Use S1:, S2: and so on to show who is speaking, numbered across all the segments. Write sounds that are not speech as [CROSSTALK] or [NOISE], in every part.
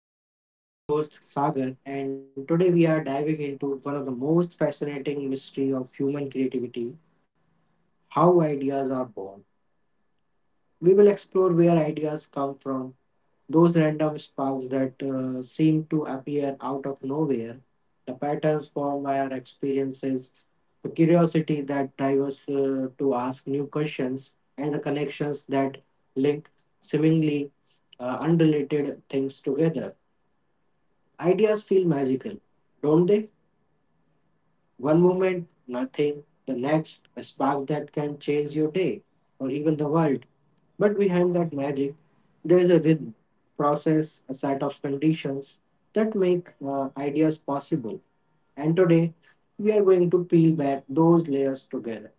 S1: Viz. I am your host Sagar, and today we are diving into one of the most fascinating mystery of human creativity: how ideas are born. We will explore where ideas come from, those random sparks that seem to appear out of nowhere, the patterns formed by our experiences, the curiosity that drives us to ask new questions, and the connections that link seemingly unrelated things together. Ideas feel magical, don't they? One moment, nothing, the next, a spark that can change your day or even the world. But behind that magic, there is a rhythm, process, a set of conditions that make ideas possible. And today, we are going to peel back those layers together.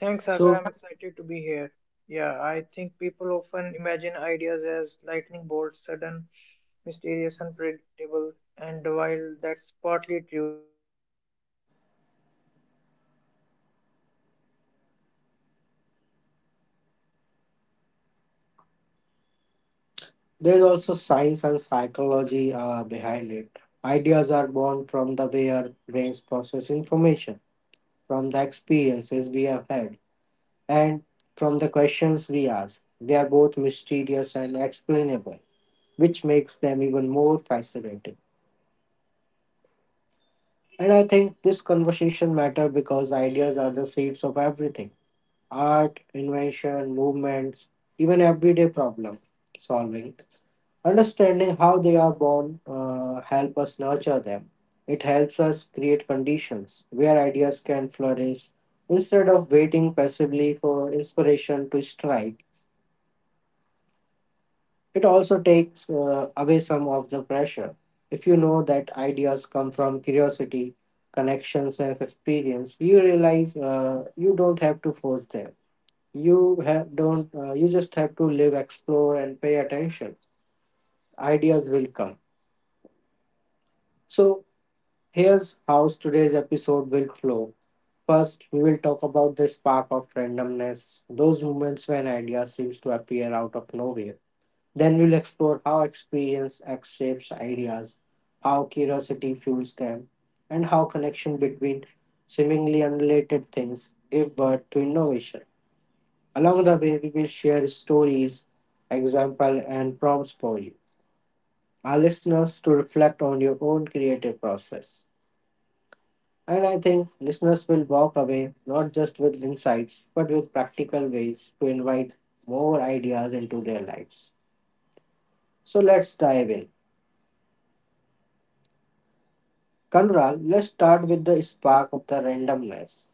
S2: Thanks, Sagar.
S1: So,
S2: I'm excited to be here. Yeah, I think people often imagine ideas as lightning bolts, sudden, mysterious, unpredictable, and while that's partly true, there is also a science and a psychology behind it. Ideas are born from the way our brains process information, from the experience we
S1: there's
S2: had
S1: also
S2: and
S1: science and psychology behind it. Ideas are born from the way our brains process information, from the experiences we have had and from the questions we ask. They are both mysterious and explainable, which makes them even more fascinating. And I think this conversation matter because ideas are the seeds of everything art, invention, movements, even everyday problem solving. Understanding how they are born help us nurture them. It helps us create conditions where ideas can flourish instead of waiting passively for inspiration to strike.
S2: yes, and it
S1: It also
S2: also
S1: takes away some of the pressure. If you know that ideas come from curiosity, connections, and experience, you realize you don't have to force them. You have don't. You just have to live, explore, and pay attention. Ideas will come. So here's how today's episode will flow. First, we will talk about the spark of randomness, those moments when ideas seems to appear out of nowhere. Then we'll explore how experience shapes ideas, how curiosity fuels them, and how connection between seemingly unrelated things give birth to innovation. Along the way, we will share stories, examples, and prompts for you, our listeners, to reflect on your own creative process. And I think listeners will walk away not just with insights, but with practical ways to invite more ideas into their lives. So let's dive in. Kanral, let's start with the spark of the randomness,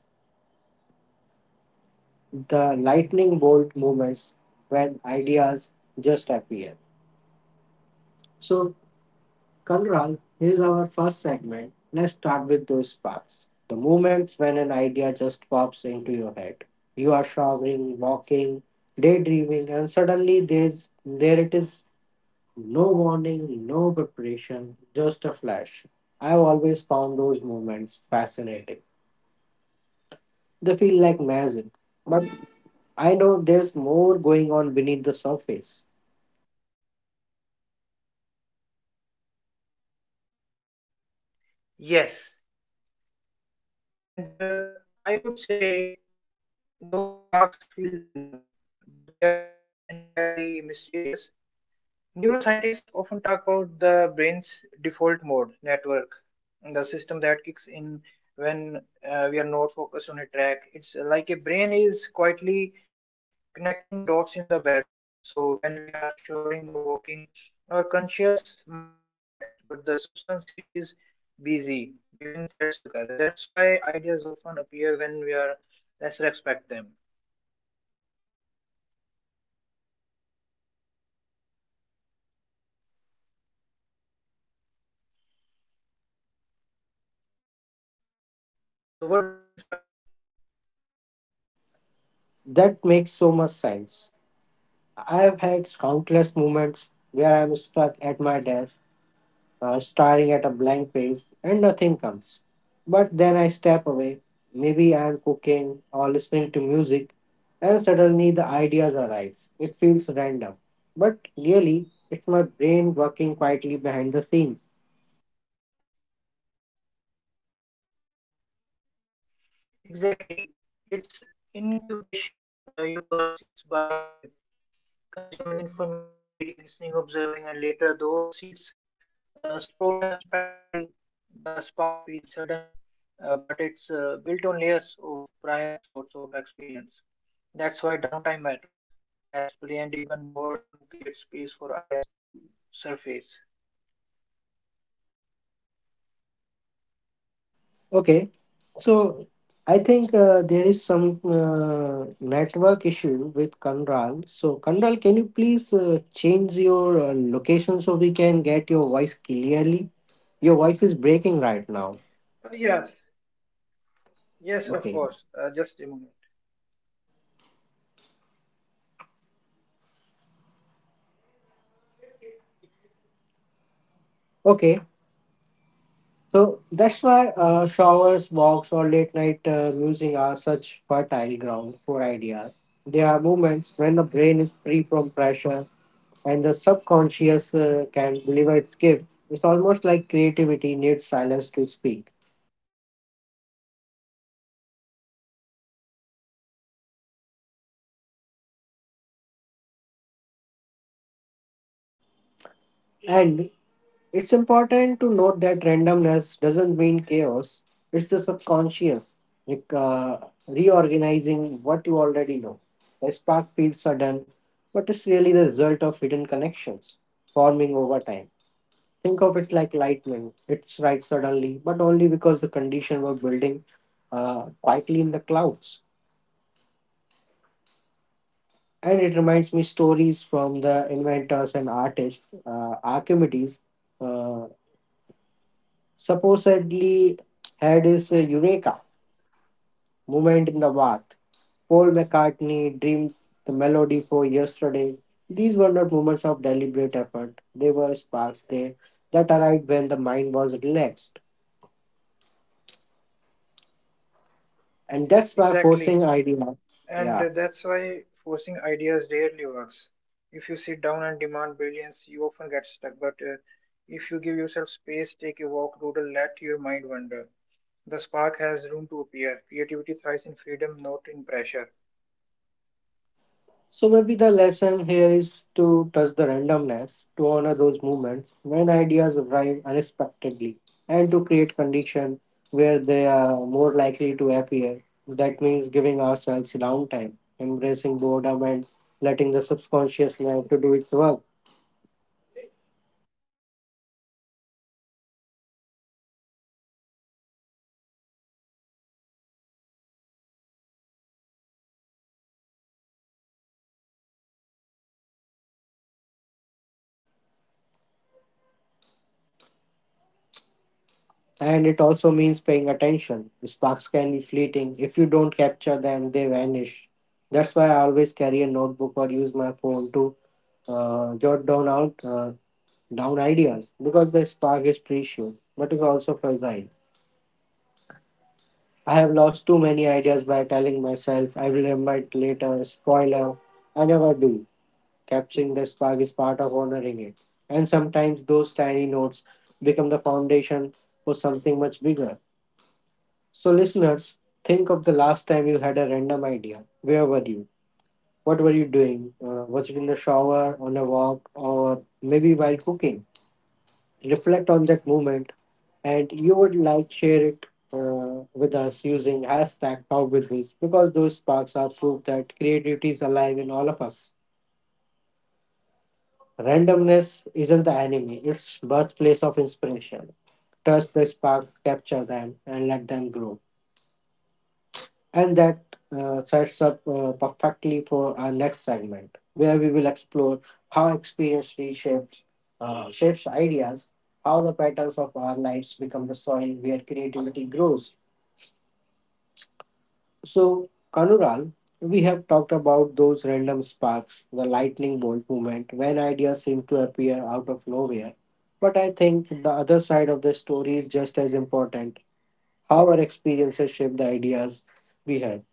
S1: the lightning bolt moments when ideas just appear. So, Kanral, here's our first segment. Let's start with those sparks, the moments when an idea just pops into your head. You are showering, walking, daydreaming, and suddenly there it is. No warning, no preparation, just a flash. I've always found those moments fascinating. They feel like magic. But I know there's more going on beneath the surface.
S3: Yes, and I would say those sparks feel random, but they are not entirely mysterious. Neuroscientists often talk about the brain's default mode network, the system that kicks in when we are not focused on a track. It's like a brain is quietly connecting dots in the background. So when we are showering or walking, our conscious mind is relaxed, but the subconscious is busy weaving threads together. That's why ideas often appear when we are less expect them. So what do you think, Sagar?
S1: That makes so much sense. I've had countless moments where I'm stuck at my desk, staring at a blank page, and nothing comes. But then I step away. Maybe I'm cooking or listening to music, and suddenly the ideas arise. It feels random, but really, it's my brain working quietly behind the scenes.
S3: Exactly. It's incubation. You plant seeds by consuming information, reading, listening, observing, and later those seeds sprout unexpectedly. The spark feels sudden, but it's built on layers of prior thoughts of experience. That's why downtime matters. Rest, play, and even boredom create space for ideas to surface.
S1: Okay, so I think there is some network issue with Kanral. So Kanral, can you please change your location so we can get your voice clearly? Your voice is breaking right now.
S3: Yes,
S1: Okay,
S3: yes, of course. Just a moment.
S1: okay. So that's why showers, walks, or late night musing are such fertile ground for ideas. They are moments when the brain is free from pressure and the subconscious can deliver its gift. It's almost like creativity needs silence to speak.
S3: Yes, and it's important to note that randomness doesn't mean chaos. It's the
S1: And
S3: subconscious
S1: it's important to
S3: recognizing
S1: note
S3: what.
S1: that randomness doesn't mean chaos, it's the subconscious like, reorganizing what you already know. The spark feels sudden, but it's really the result of hidden connections forming over time. Think of it like lightning. It strikes suddenly, but only because the conditions were building quietly in the clouds. And it reminds me stories from the inventors and artists. Archimedes uh, supposedly had his eureka moment in the bath. Paul McCartney dreamed the melody for yesterday. These were not moments of deliberate effort. They were sparks there that arrived when the mind was relaxed. And that's why
S3: Exactly.
S1: forcing idea,
S3: And
S1: yeah,
S3: That's why forcing ideas rarely works. If you sit down and demand brilliance, you often get stuck. But If you give yourself space, take a walk, doodle, let your mind wander, the spark has room to appear. Creativity thrives in freedom, not in pressure.
S1: so maybe the lesson here is to trust the randomness, to honor those moments when ideas arrive unexpectedly, and to create conditions where they are more likely to appear. That means giving ourselves downtime, embracing boredom, and letting the subconscious mind to do its work. And it also means paying attention. Sparks can be fleeting. If you don't capture them, they vanish. That's why I always carry a notebook or use my phone to jot down out down ideas because the spark is precious but is also fragile. I have lost too many ideas by telling myself I will remember it later, spoiler. I never do. Capturing the spark is part of honoring it. And sometimes those tiny notes become the foundation for something much bigger. So, listeners, think of the last time you had a random idea. Where were you? What were you doing? Was it in the shower, on a walk, or maybe while cooking? Reflect on that moment and you would like share it with us using hashtag talk with Wiz because those sparks are proof that creativity is alive in all of us. Randomness isn't the enemy, it's birthplace of inspiration. Trust the spark, capture them, and let them grow. And that sets up perfectly for our next segment, where we will explore how experience reshapes shapes ideas, how the patterns of our lives become the soil where creativity grows. So, Kanural, we have talked about those random sparks, the lightning bolt moment, when ideas seem to appear out of nowhere. But I think the other side of the story is just as important how our experiences shape the ideas we have.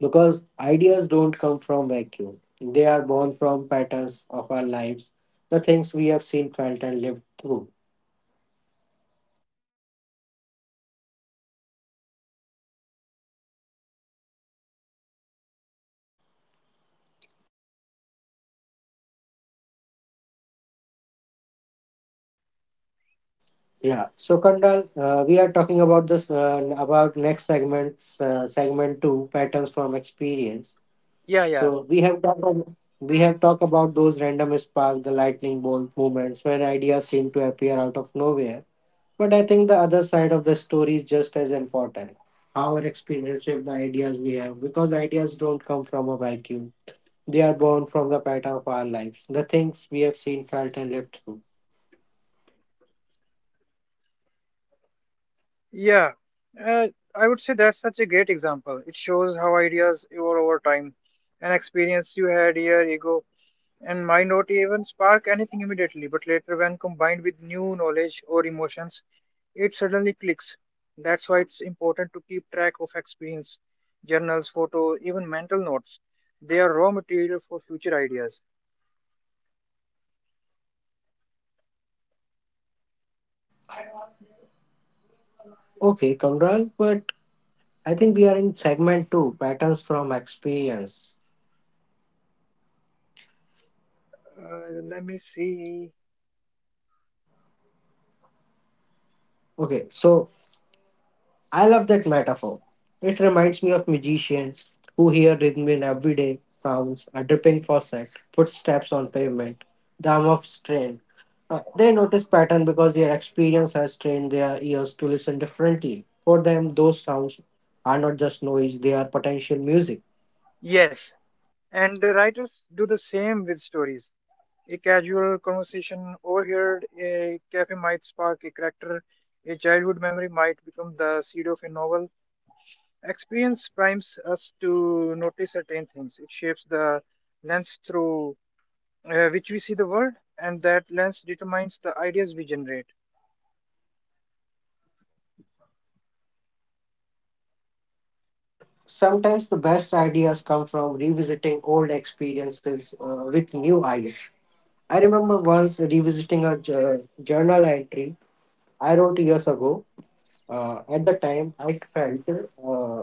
S1: Because ideas don't come from vacuum, they are born from patterns of our lives, the things we have seen, felt, and lived through. Yeah. So, Kandal, we are talking about this about next segment, segment two, patterns from experience.
S2: Yeah, yeah,
S1: So we have talked about, we have talked about those random spark, the lightning bolt moments when ideas seem to appear out of nowhere. But I think the other side of the story is just as important. Our experience shape the ideas we have, because ideas don't come from a vacuum. They are born from the pattern of our lives, the things we have seen, felt, and lived through.
S2: yeah. Uh, I would say that's such a great example. It shows how ideas evolve over time. An experience you had a year ago and might not even spark anything immediately, but later, when combined with new knowledge or emotions, it suddenly clicks. That's why it's important to keep track of experience, journals, photos, even mental notes. They are raw material for future ideas.
S1: Okay, Kamral, but I think we are in segment two, patterns from experience.
S2: Let me see.
S1: Okay, so I love that metaphor. It reminds me of magicians who hear rhythm in everyday sounds, a dripping faucet, footsteps on pavement, the hum of train. They notice pattern because their experience has trained their ears to listen differently. For them, those sounds are not just noise, they are potential music.
S2: Yes, and the writers do the same with stories. A casual conversation overheard a cafe might spark a character. A childhood memory might become the seed of a novel. Experience primes us to notice certain things. It shapes the lens through which we see the world, and that lens determines the ideas we generate.
S1: And sometimes the best ideas come from revisiting old experiences with new eyes. I remember once revisiting a journal entry I wrote years ago. At the time, I felt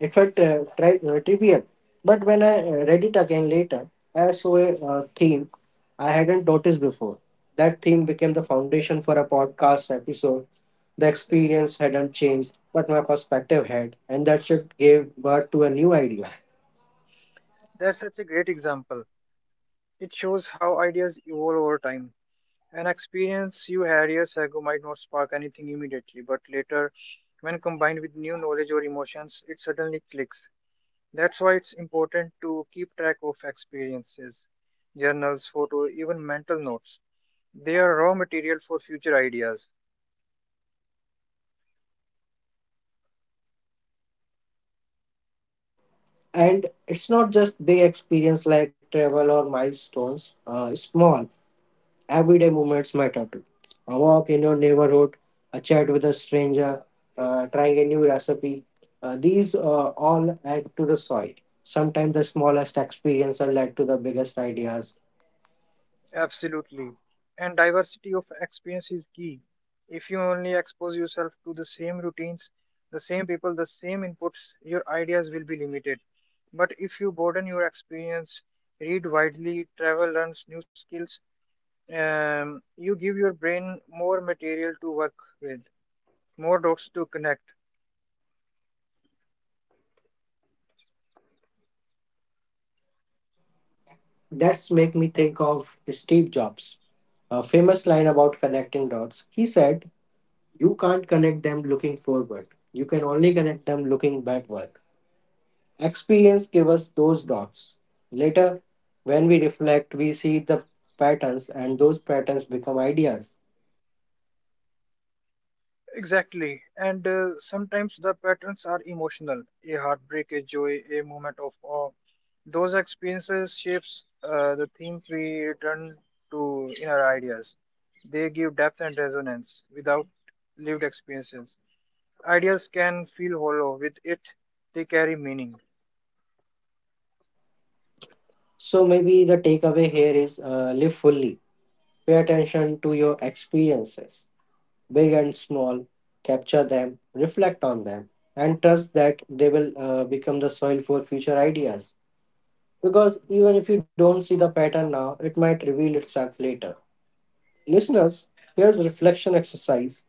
S1: it felt trivial, but when I read it again later, I saw a theme I hadn't noticed before. That theme became the foundation for a podcast episode. The experience hadn't changed, but my perspective had, and that shift gave birth to a new idea.
S2: That's such a great example. It shows how ideas evolve over time. An experience you had years ago might not spark anything immediately, but later, when combined with new knowledge or emotions, it suddenly clicks. That's why it's important to keep track of experiences, journals, photos, even mental notes. They are raw material for future ideas.
S1: And it's not just big experience like travel or milestones. Small Everyday movements matter too. A walk in your neighborhood, a chat with a stranger, trying a new recipe. These all add to the soil. Sometimes the smallest experience are led to the biggest ideas.
S2: Absolutely. And diversity of experience is key. If you only expose yourself to the same routines, the same people, the same inputs, your ideas will be limited. But if you broaden your experience, read widely, travel, learn new skills, you give your brain more material to work with, more dots to connect.
S1: That's make me think of Steve Jobs, a famous line about connecting dots. He said, "You can't connect them looking forward. You can only connect them looking backward." Experience gives us those dots. Later, when we reflect, we see the patterns, and those patterns become ideas.
S2: Exactly. And sometimes the patterns are emotional. A heartbreak, a joy, a moment of awe. Those experiences shapes the themes we return to in our ideas. They give depth and resonance without lived experiences. Ideas can feel hollow. With it, they carry meaning.
S1: So, maybe the takeaway here is live fully, pay attention to your experiences, big and small, capture them, reflect on them, and trust that they will become the soil for future ideas. Because even if you don't see the pattern now, it might reveal itself later. Listeners, here's a reflection exercise.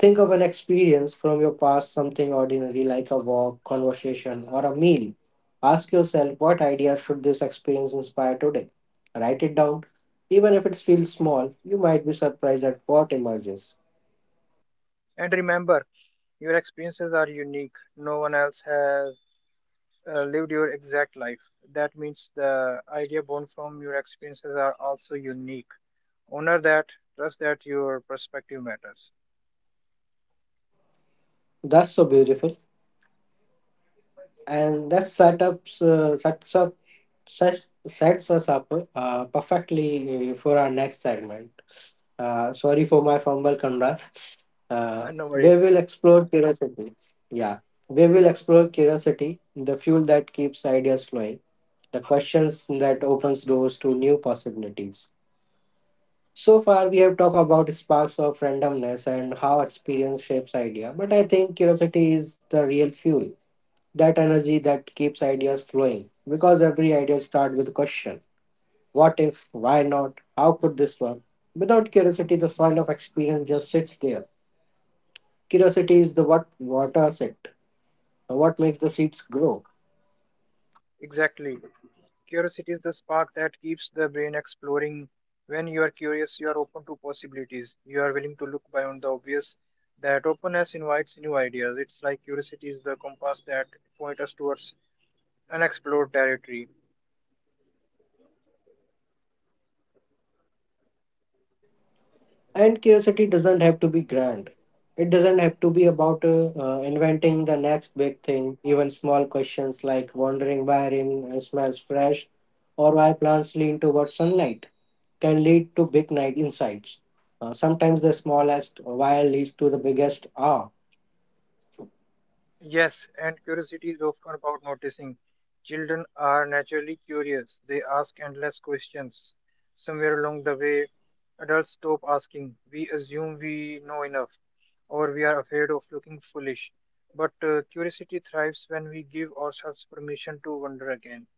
S1: Think of an experience from your past, something ordinary like a walk, conversation, or a meal. Ask yourself what idea should this experience inspire today? Write it down. Even if it feels small, you might be surprised at what emerges.
S2: And remember, your experiences are unique. No one else has lived your exact life. That means the idea born from your experiences are also unique. Honor that. Trust that your perspective matters.
S1: That's so beautiful. And that setups, sets, up, sets, sets us up perfectly for our next segment. Sorry for my fumble, Conrad.
S2: [LAUGHS] No
S1: We
S2: worries.
S1: will explore curiosity. Yeah, we will explore curiosity, the fuel that keeps ideas flowing, the questions that opens doors to new possibilities. So far, we have talked about sparks of randomness and how experience shapes idea, but I think curiosity is the real fuel, that energy that keeps ideas flowing. Because every idea starts with a question: What if? Why not? How could this work? Without curiosity, the soil of experience just sits there. Curiosity is the what waters it, what makes the seeds grow.
S2: Exactly. Curiosity is the spark that keeps the brain exploring. When you are curious, you are open to possibilities. You are willing to look beyond the obvious. That openness invites new ideas. It's like curiosity is the compass that points us towards unexplored territory.
S1: And curiosity doesn't have to be grand. It doesn't have to be about inventing the next big thing. Even small questions like wondering why rain smells fresh or why plants lean towards sunlight can lead to big night insights. Sometimes the smallest why leads to the biggest ah.
S2: Yes, and curiosity is often about noticing. Children are naturally curious, they ask endless questions. Somewhere along the way, adults stop asking. We assume we know enough, or we are afraid of looking foolish. But curiosity thrives when we give ourselves permission to wonder again.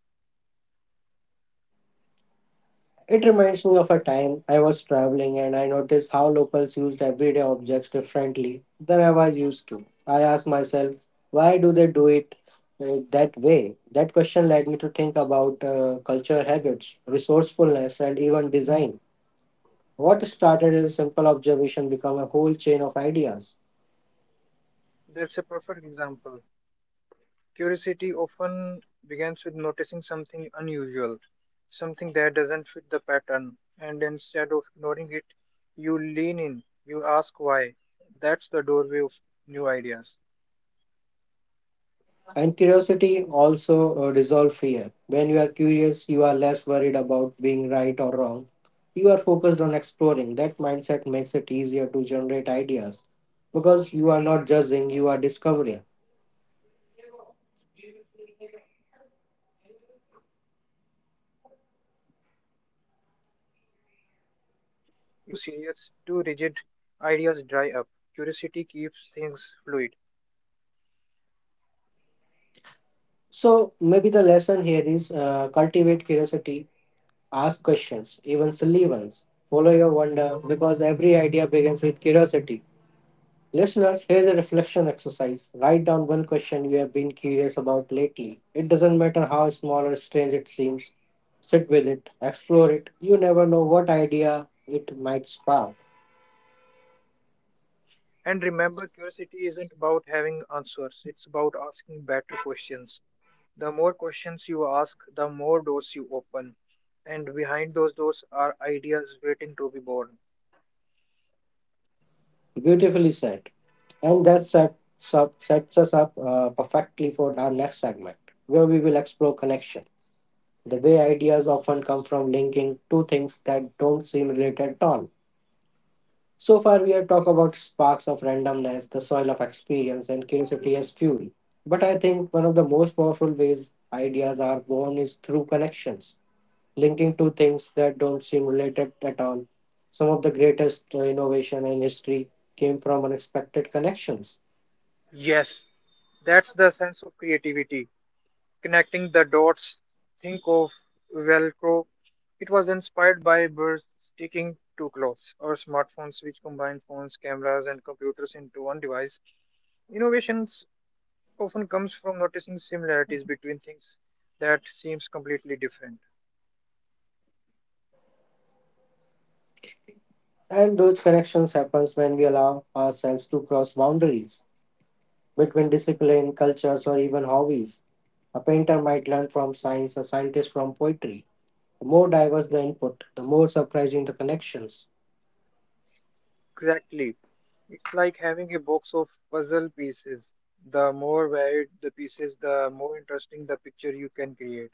S1: It reminds me of a time I was traveling and I noticed how locals used everyday objects differently than I was used to. I asked myself, why do they do it that way? That question led me to think about cultural habits, resourcefulness, and even design. What started as a simple observation became a whole chain of ideas.
S2: That's a perfect example. Curiosity often begins with noticing something unusual, something that doesn't fit the pattern, and instead of ignoring it, you lean in, you ask why. That's the doorway of new ideas.
S1: And curiosity also dissolve fear. When you are curious, you are less worried about being right or wrong. You are focused on exploring. That mindset makes it easier to generate ideas because you are not judging, you are discovering.
S2: Yes, curiosity is playful. It's about experimenting, trying, asking, and that playfulness is essential for creativity. If you are too serious, too rigid, ideas dry up. Curiosity keeps things fluid.
S1: So maybe the lesson here is cultivate curiosity, ask questions, even silly ones. Follow your wonder because every idea begins with curiosity. Listeners, here's a reflection exercise. Write down one question you have been curious about lately. It doesn't matter how small or strange it seems. Sit with it, explore it. You never know what idea it might spark.
S2: And remember, curiosity isn't about having answers, it's about asking better questions. The more questions you ask, the more doors you open. And behind those doors are ideas waiting to be born.
S1: Beautifully said. And that sets us up perfectly for our next segment, where we will explore connection. The way ideas often come from linking two things that don't seem related at all. So far, we have talked about sparks of randomness, the soil of experience, and curiosity as fuel. But I think one of the most powerful ways ideas are born is through connections, linking two things that don't seem related at all. Some of the greatest innovation in history came from unexpected connections.
S2: Yes, that's the sense of creativity. Connecting the dots. Think of Velcro. It was inspired by birds sticking to clothes or smartphones, which combine phones, cameras, and computers into one device. Innovations often comes from noticing similarities between things that seems completely different.
S1: And those connections happens when we allow ourselves to cross boundaries between discipline, cultures, or even hobbies. A painter might learn from science, a scientist from poetry. The more diverse the input, the more surprising the connections.
S2: Exactly. It's like having a box of puzzle pieces. The more varied the pieces, the more interesting the picture you can create.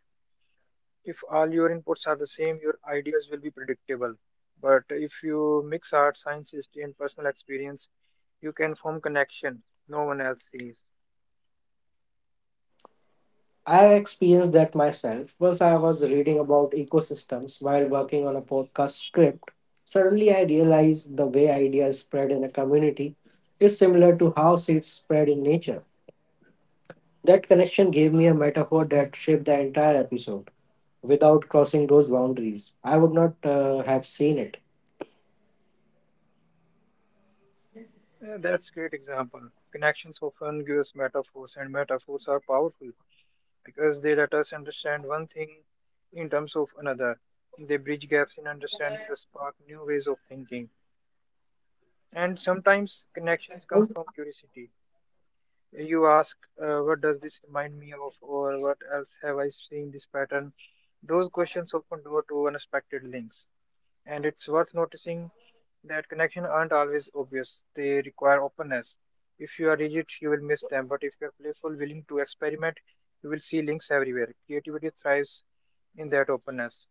S2: If all your inputs are the same, your ideas will be predictable. But if you mix art, science, history, and personal experience, you can form connection no one else sees.
S1: I have experienced that myself. Once I was reading about ecosystems while working on a podcast script. Suddenly, I realized the way ideas spread in a community is similar to how seeds spread in nature. That connection gave me a metaphor that shaped the entire episode. Without crossing those boundaries, I would not have seen it.
S2: Yeah, that's great example. Connections often give us metaphors, and metaphors are powerful, because they let us understand one thing in terms of another. They bridge gaps in understanding the spark new ways of thinking. And sometimes connections come from curiosity. You ask, what does this remind me of, or what else have I seen this pattern? Those questions open door to unexpected links. And it's worth noticing that connection aren't always obvious. They require openness. If you are rigid, you will miss them. But if you are playful, willing to experiment, you will see links everywhere. Creativity thrives in that openness.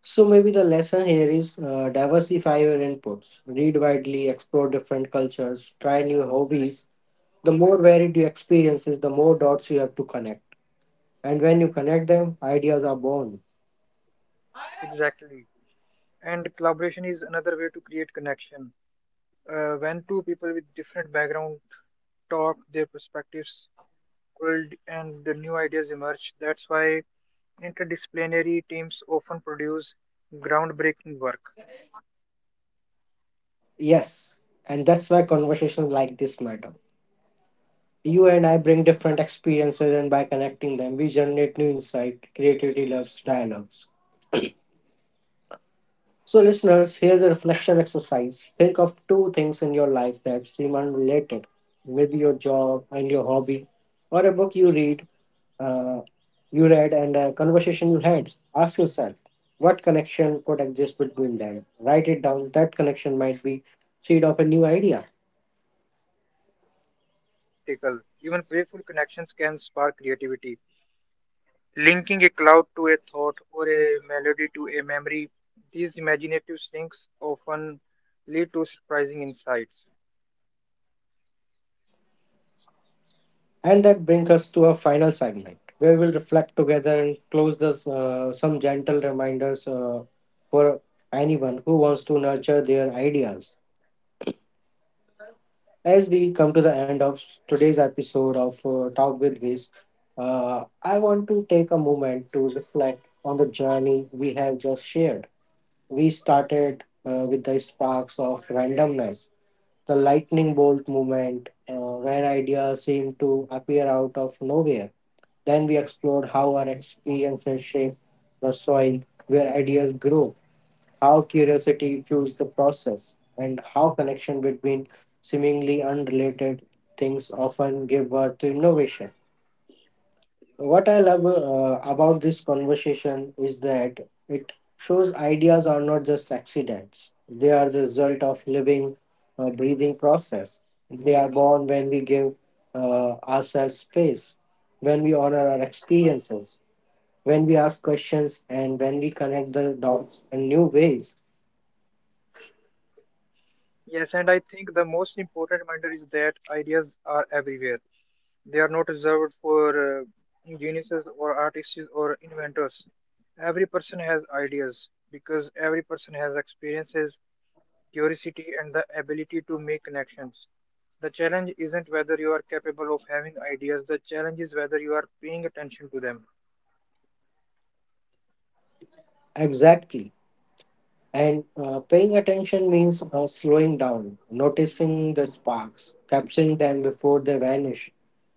S1: So maybe the lesson here is diversify your inputs, read widely, explore different cultures, try new hobbies. The more varied your experiences, the more dots you have to connect. And when you connect them, ideas are born.
S2: Exactly. And collaboration is another way to create connection. When two people with different backgrounds talk, their perspectives build, and the new ideas emerge. That's why interdisciplinary teams often produce groundbreaking work.
S1: Yes, and that's why conversations like this matter. You and I bring different experiences, and by connecting them, we generate new insight. Creativity loves dialogues. So, listeners, here's a reflection exercise. Think of two things in your life that seem unrelated, maybe your job and your hobby, or a book uh, you read, and a conversation you had. Ask yourself, what connection could exist between them? Write it down. That connection might be seed of a new idea.
S2: And remember, connections don't have to be practical. Even playful connections can spark creativity. Linking a cloud to a thought or a melody to a memory, these imaginative links often lead to surprising insights.
S1: And that brings us to our final segment, where we'll reflect together and close this some gentle reminders for anyone who wants to nurture their ideas. As we come to the end of today's episode of Talk with Viz, I want to take a moment to reflect on the journey we have just shared. We started with the sparks of randomness, the lightning bolt moment where ideas seem to appear out of nowhere. Then we explored how our experiences shape the soil where ideas grow, how curiosity fuels the process, and how connection between seemingly unrelated things often give birth to innovation. What I love about this conversation is that it shows ideas are not just accidents, they are the result of living, breathing process. They are born when we give ourselves space, when we honor our experiences, when we ask questions, and when we connect the dots in new ways.
S2: Yes, and I think the most important reminder is that ideas are everywhere. They are not reserved for geniuses or artists or inventors. Every person has ideas because every person has experiences curiosity, and the ability to make connections. The challenge isn't whether you are capable of having ideas, the challenge is whether you are paying attention to them.
S1: Exactly. And paying attention means slowing down, noticing the sparks, capturing them before they vanish.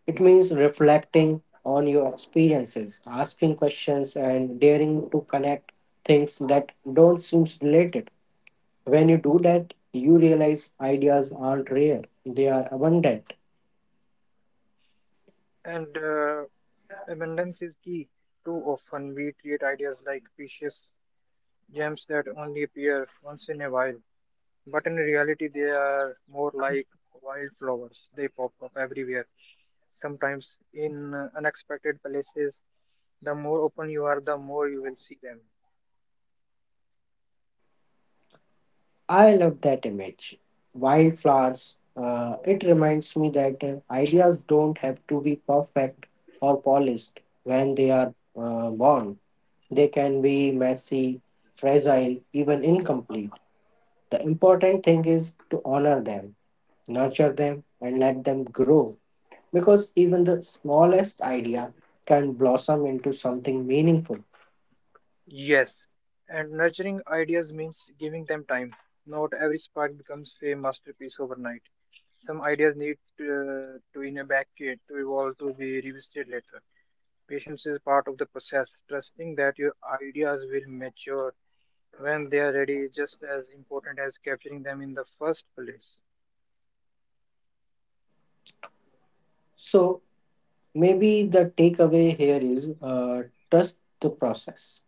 S1: It means reflecting on your experiences, asking questions, and daring to connect things that don't seem related. When you do that, you realize ideas aren't rare, they are abundant.
S2: And Abundance is key. Too often we treat ideas like precious gems that only appear once in a while, but in reality, they are more like wildflowers. They pop up everywhere, sometimes in unexpected places. The more open you are, the more you will see them.
S1: I love that image. Wildflowers. It reminds me that ideas don't have to be perfect or polished when they are born. They can be messy, fragile, even incomplete. The important thing is to honor them, nurture them, and let them grow. Because even the smallest idea can blossom into something meaningful.
S2: Yes, and nurturing ideas means giving them time. Not every spark becomes a masterpiece overnight. Some ideas need to in a back kit to evolve to be revisited later. Patience is part of the process. Trusting that your ideas will mature when they are ready is just as important as capturing them in the first place.
S1: So maybe the takeaway here is trust the process.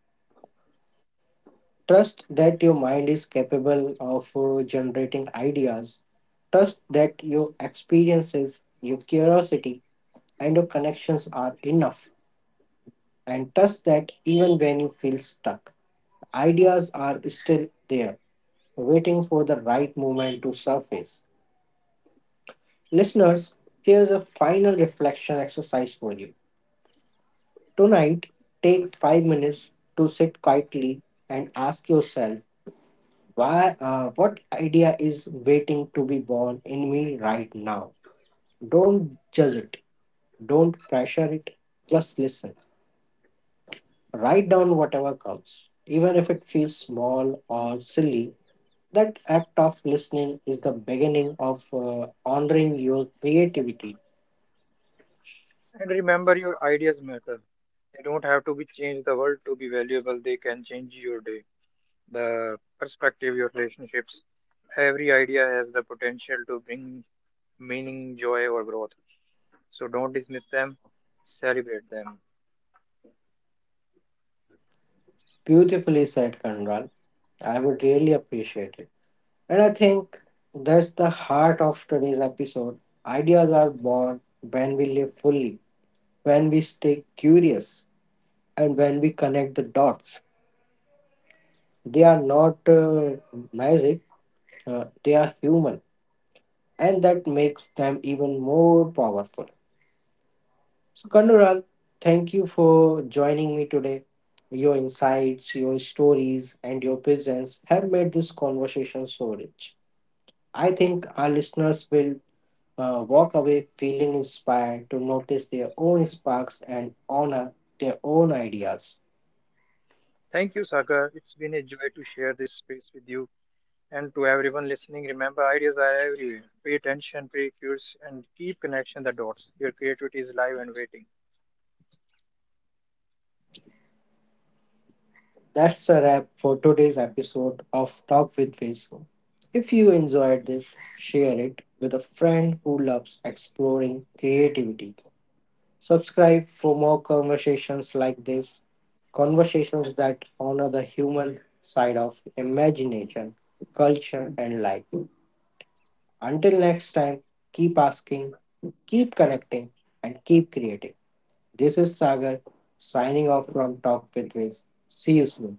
S1: Trust that your mind is capable of generating ideas. Trust that your experiences, your curiosity, and your connections are enough. And trust that even when you feel stuck, ideas are still there, waiting for the right moment to surface. Listeners, here's a final reflection exercise for you. Tonight, take 5 minutes to sit quietly and ask yourself: what idea is waiting to be born in me right now? Don't judge it. Don't pressure it. Just listen. Write down whatever comes. Even if it feels small or silly, that act of listening is the beginning of honoring your creativity.
S2: And remember, your ideas matter. They don't have to be changed the world to be valuable. They can change your day, the perspective, your relationships. Every idea has the potential to bring meaning, joy, or growth. So don't dismiss them, celebrate them.
S1: Beautifully said, Kanral. I would really appreciate it. And I think that's the heart of today's episode. Ideas are born when we live fully, when we stay curious and when we connect the dots. They are not magic, they are human, and that makes them even more powerful. So Kandural, thank you for joining me today. Your insights, your stories, and your presence have made this conversation so rich. I think our listeners will walk away feeling inspired to notice their own sparks and honor their own ideas.
S2: Thank you, Sagar. It's been a joy to share this space with you. And to everyone listening, remember ideas are everywhere. Pay attention, pay curious, and keep connection the dots. Your creativity is live and waiting.
S1: That's a wrap for today's episode of Talk with Faisal. If you enjoyed this, share it with a friend who loves exploring creativity. Subscribe for more conversations like this, conversations that honor the human side of imagination, culture, and life. Until next time, keep asking, keep connecting, and keep creating. This is Sagar, signing off from Talk with Viz. See you soon.